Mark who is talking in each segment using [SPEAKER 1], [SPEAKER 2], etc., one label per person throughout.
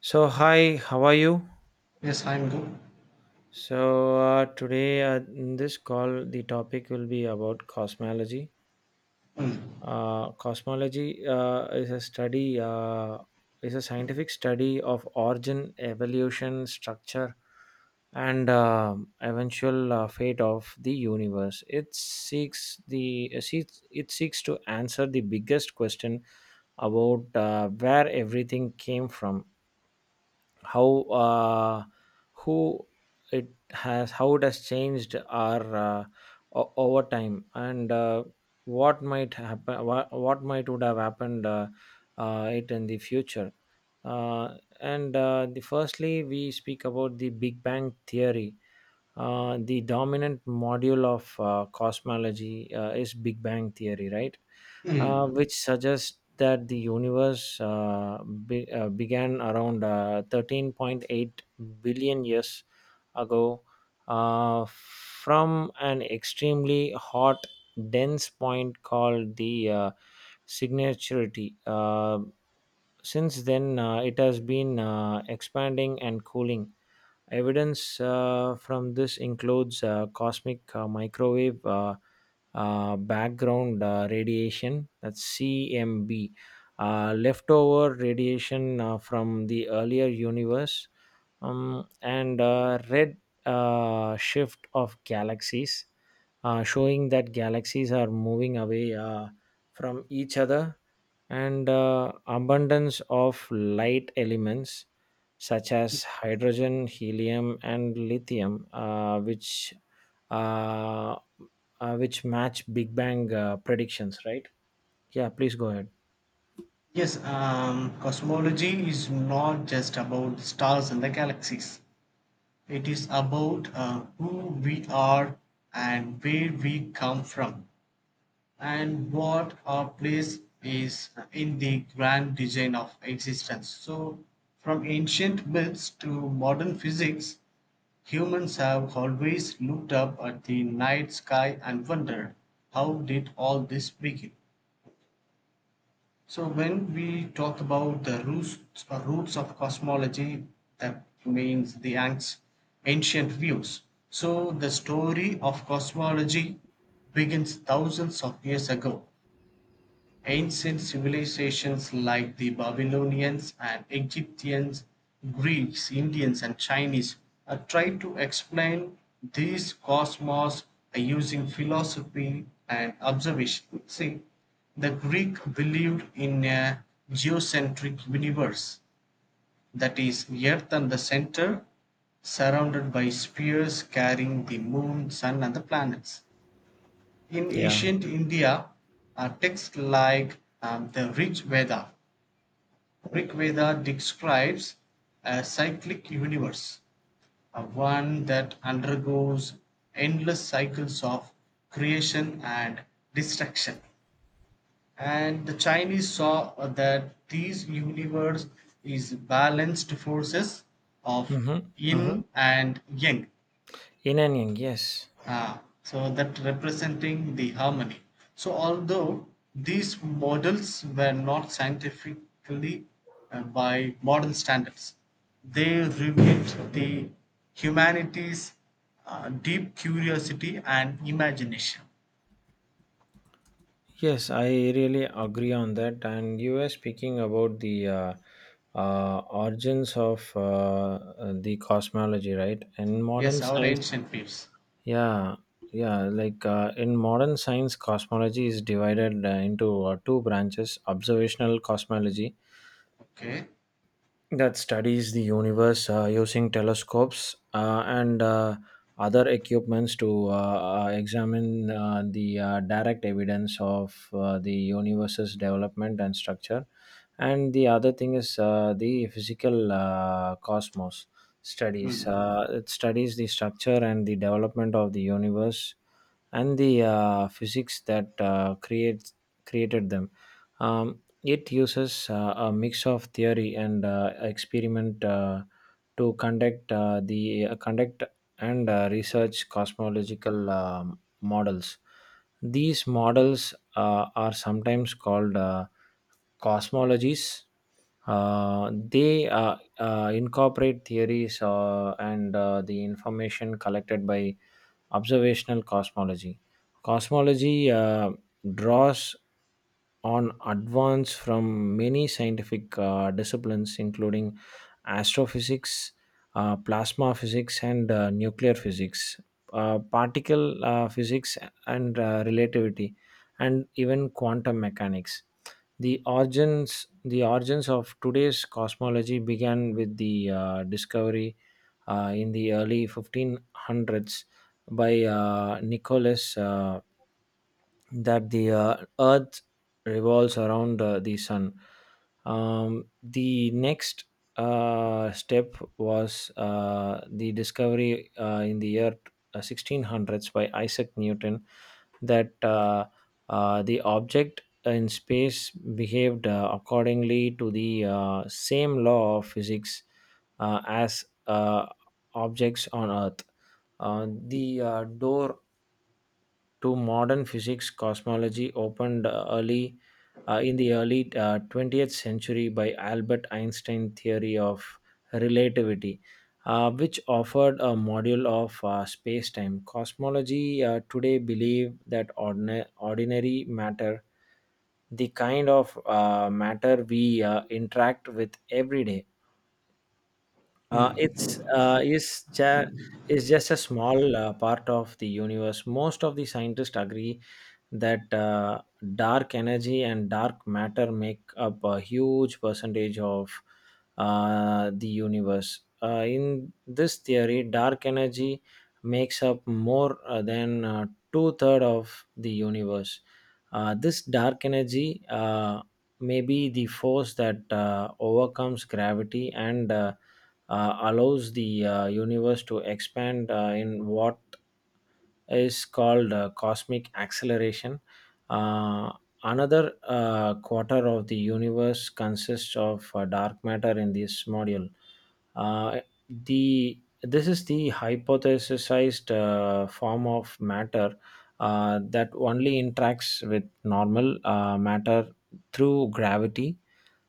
[SPEAKER 1] So, hi, how are you?
[SPEAKER 2] Yes, I'm good.
[SPEAKER 1] So, today in this call, the topic will be about cosmology. Cosmology is a scientific study of origin, evolution, structure, and eventual fate of the universe. It seeks to answer the biggest question about where everything came from, how uh, who how it has changed our, over time, and what might happen what might would have happened it in the future. Uh, and uh, the firstly, we speak about the Big Bang theory. The dominant module of cosmology is Big Bang theory, right,
[SPEAKER 2] Mm.
[SPEAKER 1] which suggests that the universe began around 13.8 billion years ago from an extremely hot, dense point called the signaturity. Since then, it has been expanding and cooling. Evidence from this includes cosmic microwave, background radiation, that's CMB, leftover radiation from the earlier universe, and red shift of galaxies, showing that galaxies are moving away from each other, and abundance of light elements such as hydrogen, helium, and lithium, uh, which match Big Bang predictions, right? Yeah, please go ahead.
[SPEAKER 2] Yes, cosmology is not just about the stars and the galaxies. It is about who we are, and where we come from, and what our place is in the grand design of existence. So, from ancient myths to modern physics, humans have always looked up at the night sky and wondered, how did all this begin? So when we talk about the roots or roots of cosmology, that means the ancient views. So the story of cosmology begins thousands of years ago. Ancient civilizations like the Babylonians and Egyptians, Greeks, Indians, and Chinese tried to explain these cosmos using philosophy and observation. See, the Greek believed in a geocentric universe, that is, Earth and the center, surrounded by spheres carrying the moon, sun, and the planets. In
[SPEAKER 1] Yeah.
[SPEAKER 2] ancient India, texts like the Rig Veda describes a cyclic universe, one that undergoes endless cycles of creation and destruction. And the Chinese saw that these universe is balanced forces of
[SPEAKER 1] Mm-hmm. Mm-hmm.
[SPEAKER 2] yin and yang.
[SPEAKER 1] In and yang, yes.
[SPEAKER 2] Ah, so that representing the harmony. So although these models were not scientifically by modern standards, they revealed the humanity's deep curiosity and imagination.
[SPEAKER 1] Yes, I really agree on that. And you were speaking about the origins of the cosmology, right, in modern
[SPEAKER 2] Yes, our
[SPEAKER 1] science.
[SPEAKER 2] ancient peeps.
[SPEAKER 1] Yeah, yeah. Like, in modern science, cosmology is divided into two branches: observational cosmology,
[SPEAKER 2] Okay.
[SPEAKER 1] that studies the universe using telescopes and other equipments to examine the direct evidence of the universe's development and structure. And the other thing is the physical cosmos studies.
[SPEAKER 2] Hmm.
[SPEAKER 1] It studies the structure and the development of the universe and the physics that creates created them. Um, it uses a mix of theory and experiment to conduct and research cosmological models. These models are sometimes called cosmologies. They incorporate theories and the information collected by observational cosmology. Cosmology draws on advance from many scientific disciplines, including astrophysics, plasma physics, and nuclear physics, particle physics, and relativity, and even quantum mechanics. The origins of today's cosmology began with the discovery in the early 1500s by Nicholas, that the Earth revolves around the Sun. The next step was the discovery in the year 1600s by Isaac Newton, that the object in space behaved accordingly to the same law of physics as objects on Earth. The door to modern physics cosmology opened early in the early 20th century by Albert Einstein theory of relativity, which offered a module of space-time. Cosmology today believe that ordinary matter, the kind of matter we interact with every day, Uh, it's uh, is ja- is just a small part of the universe. Most of the scientists agree that dark energy and dark matter make up a huge percentage of the universe. In this theory, dark energy makes up more than two third of the universe. This dark energy may be the force that overcomes gravity and allows the universe to expand in what is called cosmic acceleration. Uh, another quarter of the universe consists of dark matter in this module. Uh, the this is the hypothesized form of matter that only interacts with normal matter through gravity,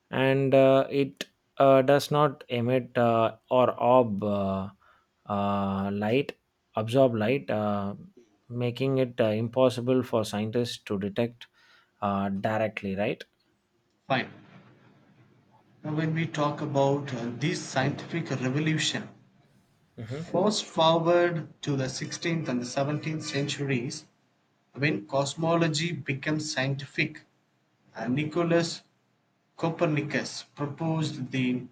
[SPEAKER 1] and it does not emit, or ob light absorb light, making it impossible for scientists to detect directly, right.
[SPEAKER 2] Fine. Now, when we talk about this scientific revolution,
[SPEAKER 1] Mhm.
[SPEAKER 2] fast forward to the 16th and the 17th centuries, when cosmology became scientific, Nicholas Copernicus proposed the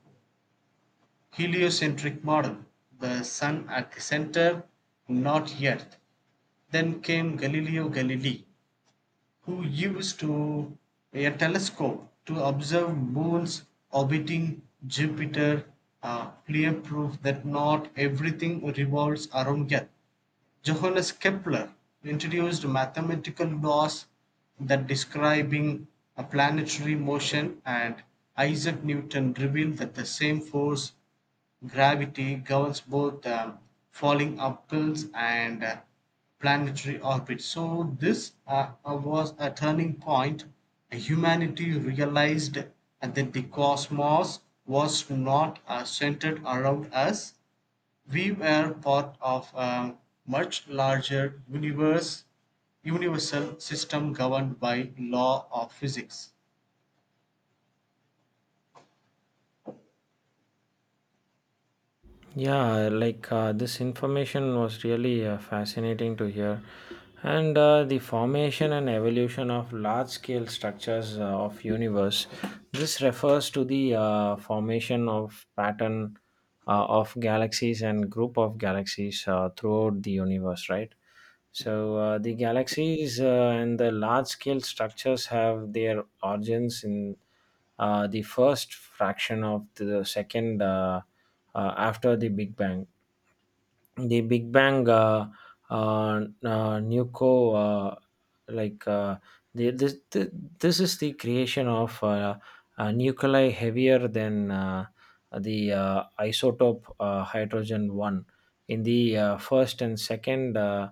[SPEAKER 2] heliocentric model, the sun at the center, not earth. Then came Galileo Galilei, who used to a telescope to observe moons orbiting Jupiter, clear proof that not everything revolves around earth. Johannes Kepler introduced mathematical laws that describing a planetary motion, and Isaac Newton revealed that the same force gravity governs both falling upwells and planetary orbits. So this was a turning point. Humanity realized that the cosmos was not centered around us. We were part of a much larger universal system governed by law of physics.
[SPEAKER 1] Yeah, like, this information was really fascinating to hear. And the formation and evolution of large-scale structures of universe. This refers to the formation of pattern of galaxies and group of galaxies throughout the universe, right? So, the galaxies and the large-scale structures have their origins in the first fraction of the second, after the Big Bang. The Big Bang uh, uh, uh, nuco like the, this the, This is the creation of nuclei heavier than the isotope hydrogen one in the first and second. Uh,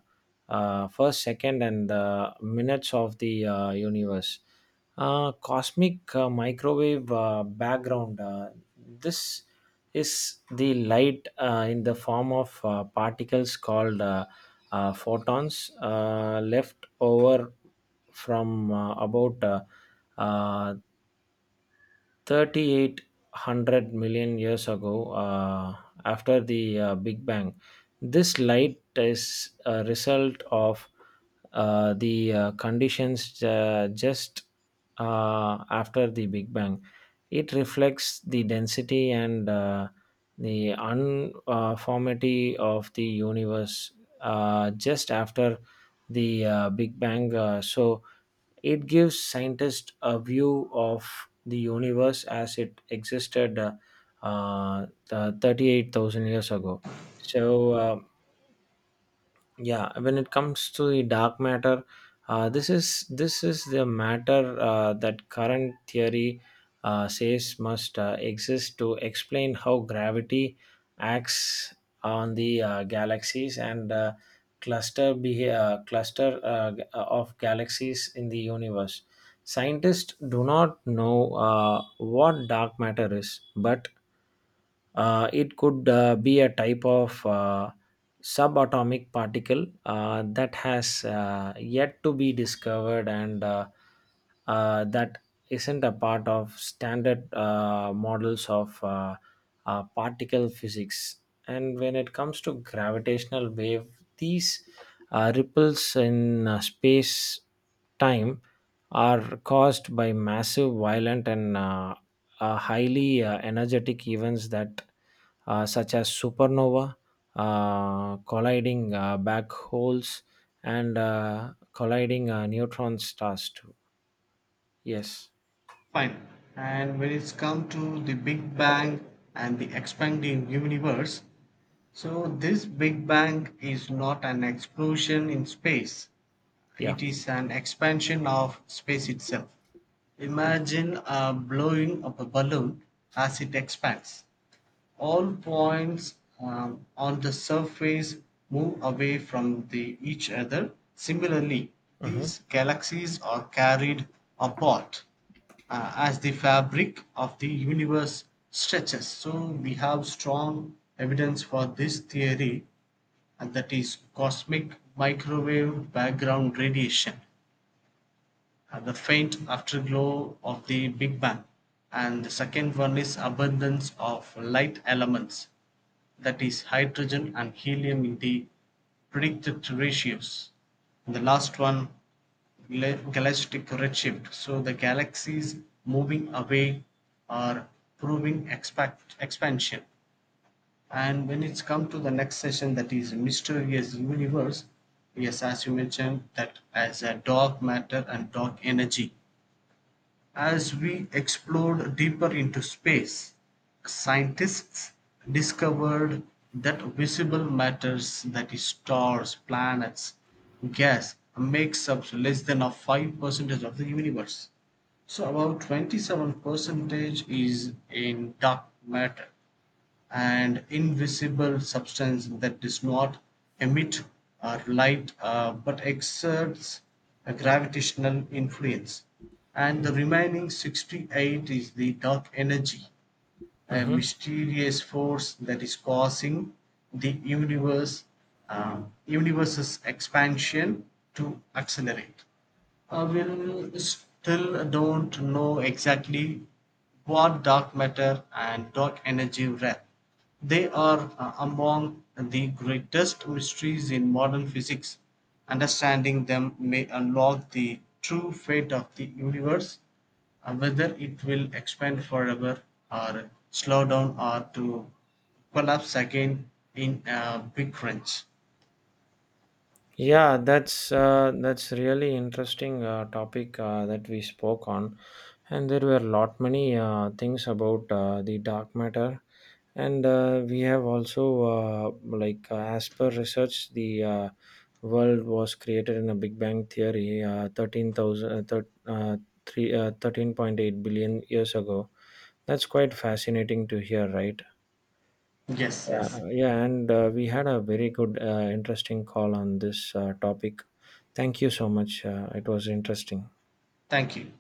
[SPEAKER 1] uh, first, second, and the minutes of the universe. Cosmic microwave background. This is the light in the form of particles called photons left over from about uh, 3,800 million years ago, after the Big Bang. This light is a result of the conditions just after the Big Bang. It reflects the density and the unformity of the universe just after the Big Bang. So, it gives scientists a view of the universe as it existed, uh, 38,000 years ago. So, yeah, when it comes to the dark matter, this is the matter that current theory says must exist to explain how gravity acts on the galaxies and cluster of galaxies in the universe. Scientists do not know what dark matter is, but it could be a type of subatomic particle that has yet to be discovered, and that isn't a part of standard models of particle physics. And when it comes to gravitational wave, these ripples in space time are caused by massive, violent, and highly energetic events that such as supernova, colliding black holes, and colliding neutron stars too. Yes.
[SPEAKER 2] Fine. And when it's come to the Big Bang and the expanding universe, so this Big Bang is not an explosion in space.
[SPEAKER 1] Yeah.
[SPEAKER 2] It is an expansion of space itself.
[SPEAKER 1] Mm-hmm.
[SPEAKER 2] Imagine blowing up a balloon. As it expands, all points on the surface move away from each other. Similarly,
[SPEAKER 1] Mm-hmm.
[SPEAKER 2] these galaxies are carried apart as the fabric of the universe stretches. So, we have strong evidence for this theory, and that is cosmic microwave background radiation, the faint afterglow of the Big Bang, and the second one is abundance of light elements, that is hydrogen and helium in the predicted ratios. And the last one, galactic redshift. So the galaxies moving away are proving expansion. And when it's come to the next session, that is mysterious universe. Yes, as you mentioned, that as a dark matter and dark energy. As we explored deeper into space, scientists discovered that visible matters—that that is stars, planets, gas makes up less than a 5% of the universe. So about 27% is in dark matter and invisible substance that does not emit or light but exerts a gravitational influence. And the remaining 68 is the dark energy, a
[SPEAKER 1] Mm-hmm.
[SPEAKER 2] mysterious force that is causing the universe's expansion to accelerate. We'll still don't know exactly what dark matter and dark energy were. They are among the greatest mysteries in modern physics. Understanding them may unlock the true fate of the universe, whether it will expand forever, or slow down, or to collapse again in a big crunch.
[SPEAKER 1] Yeah, that's really interesting topic that we spoke on, and there were a lot many things about the dark matter, and we have also, like, as per research, the world was created in a Big Bang theory, thirteen thousand three 13.8 billion years ago. That's quite fascinating to hear, right?
[SPEAKER 2] Yes, yes.
[SPEAKER 1] Yeah, and we had a very good, interesting call on this topic. Thank you so much. It was interesting.
[SPEAKER 2] Thank you.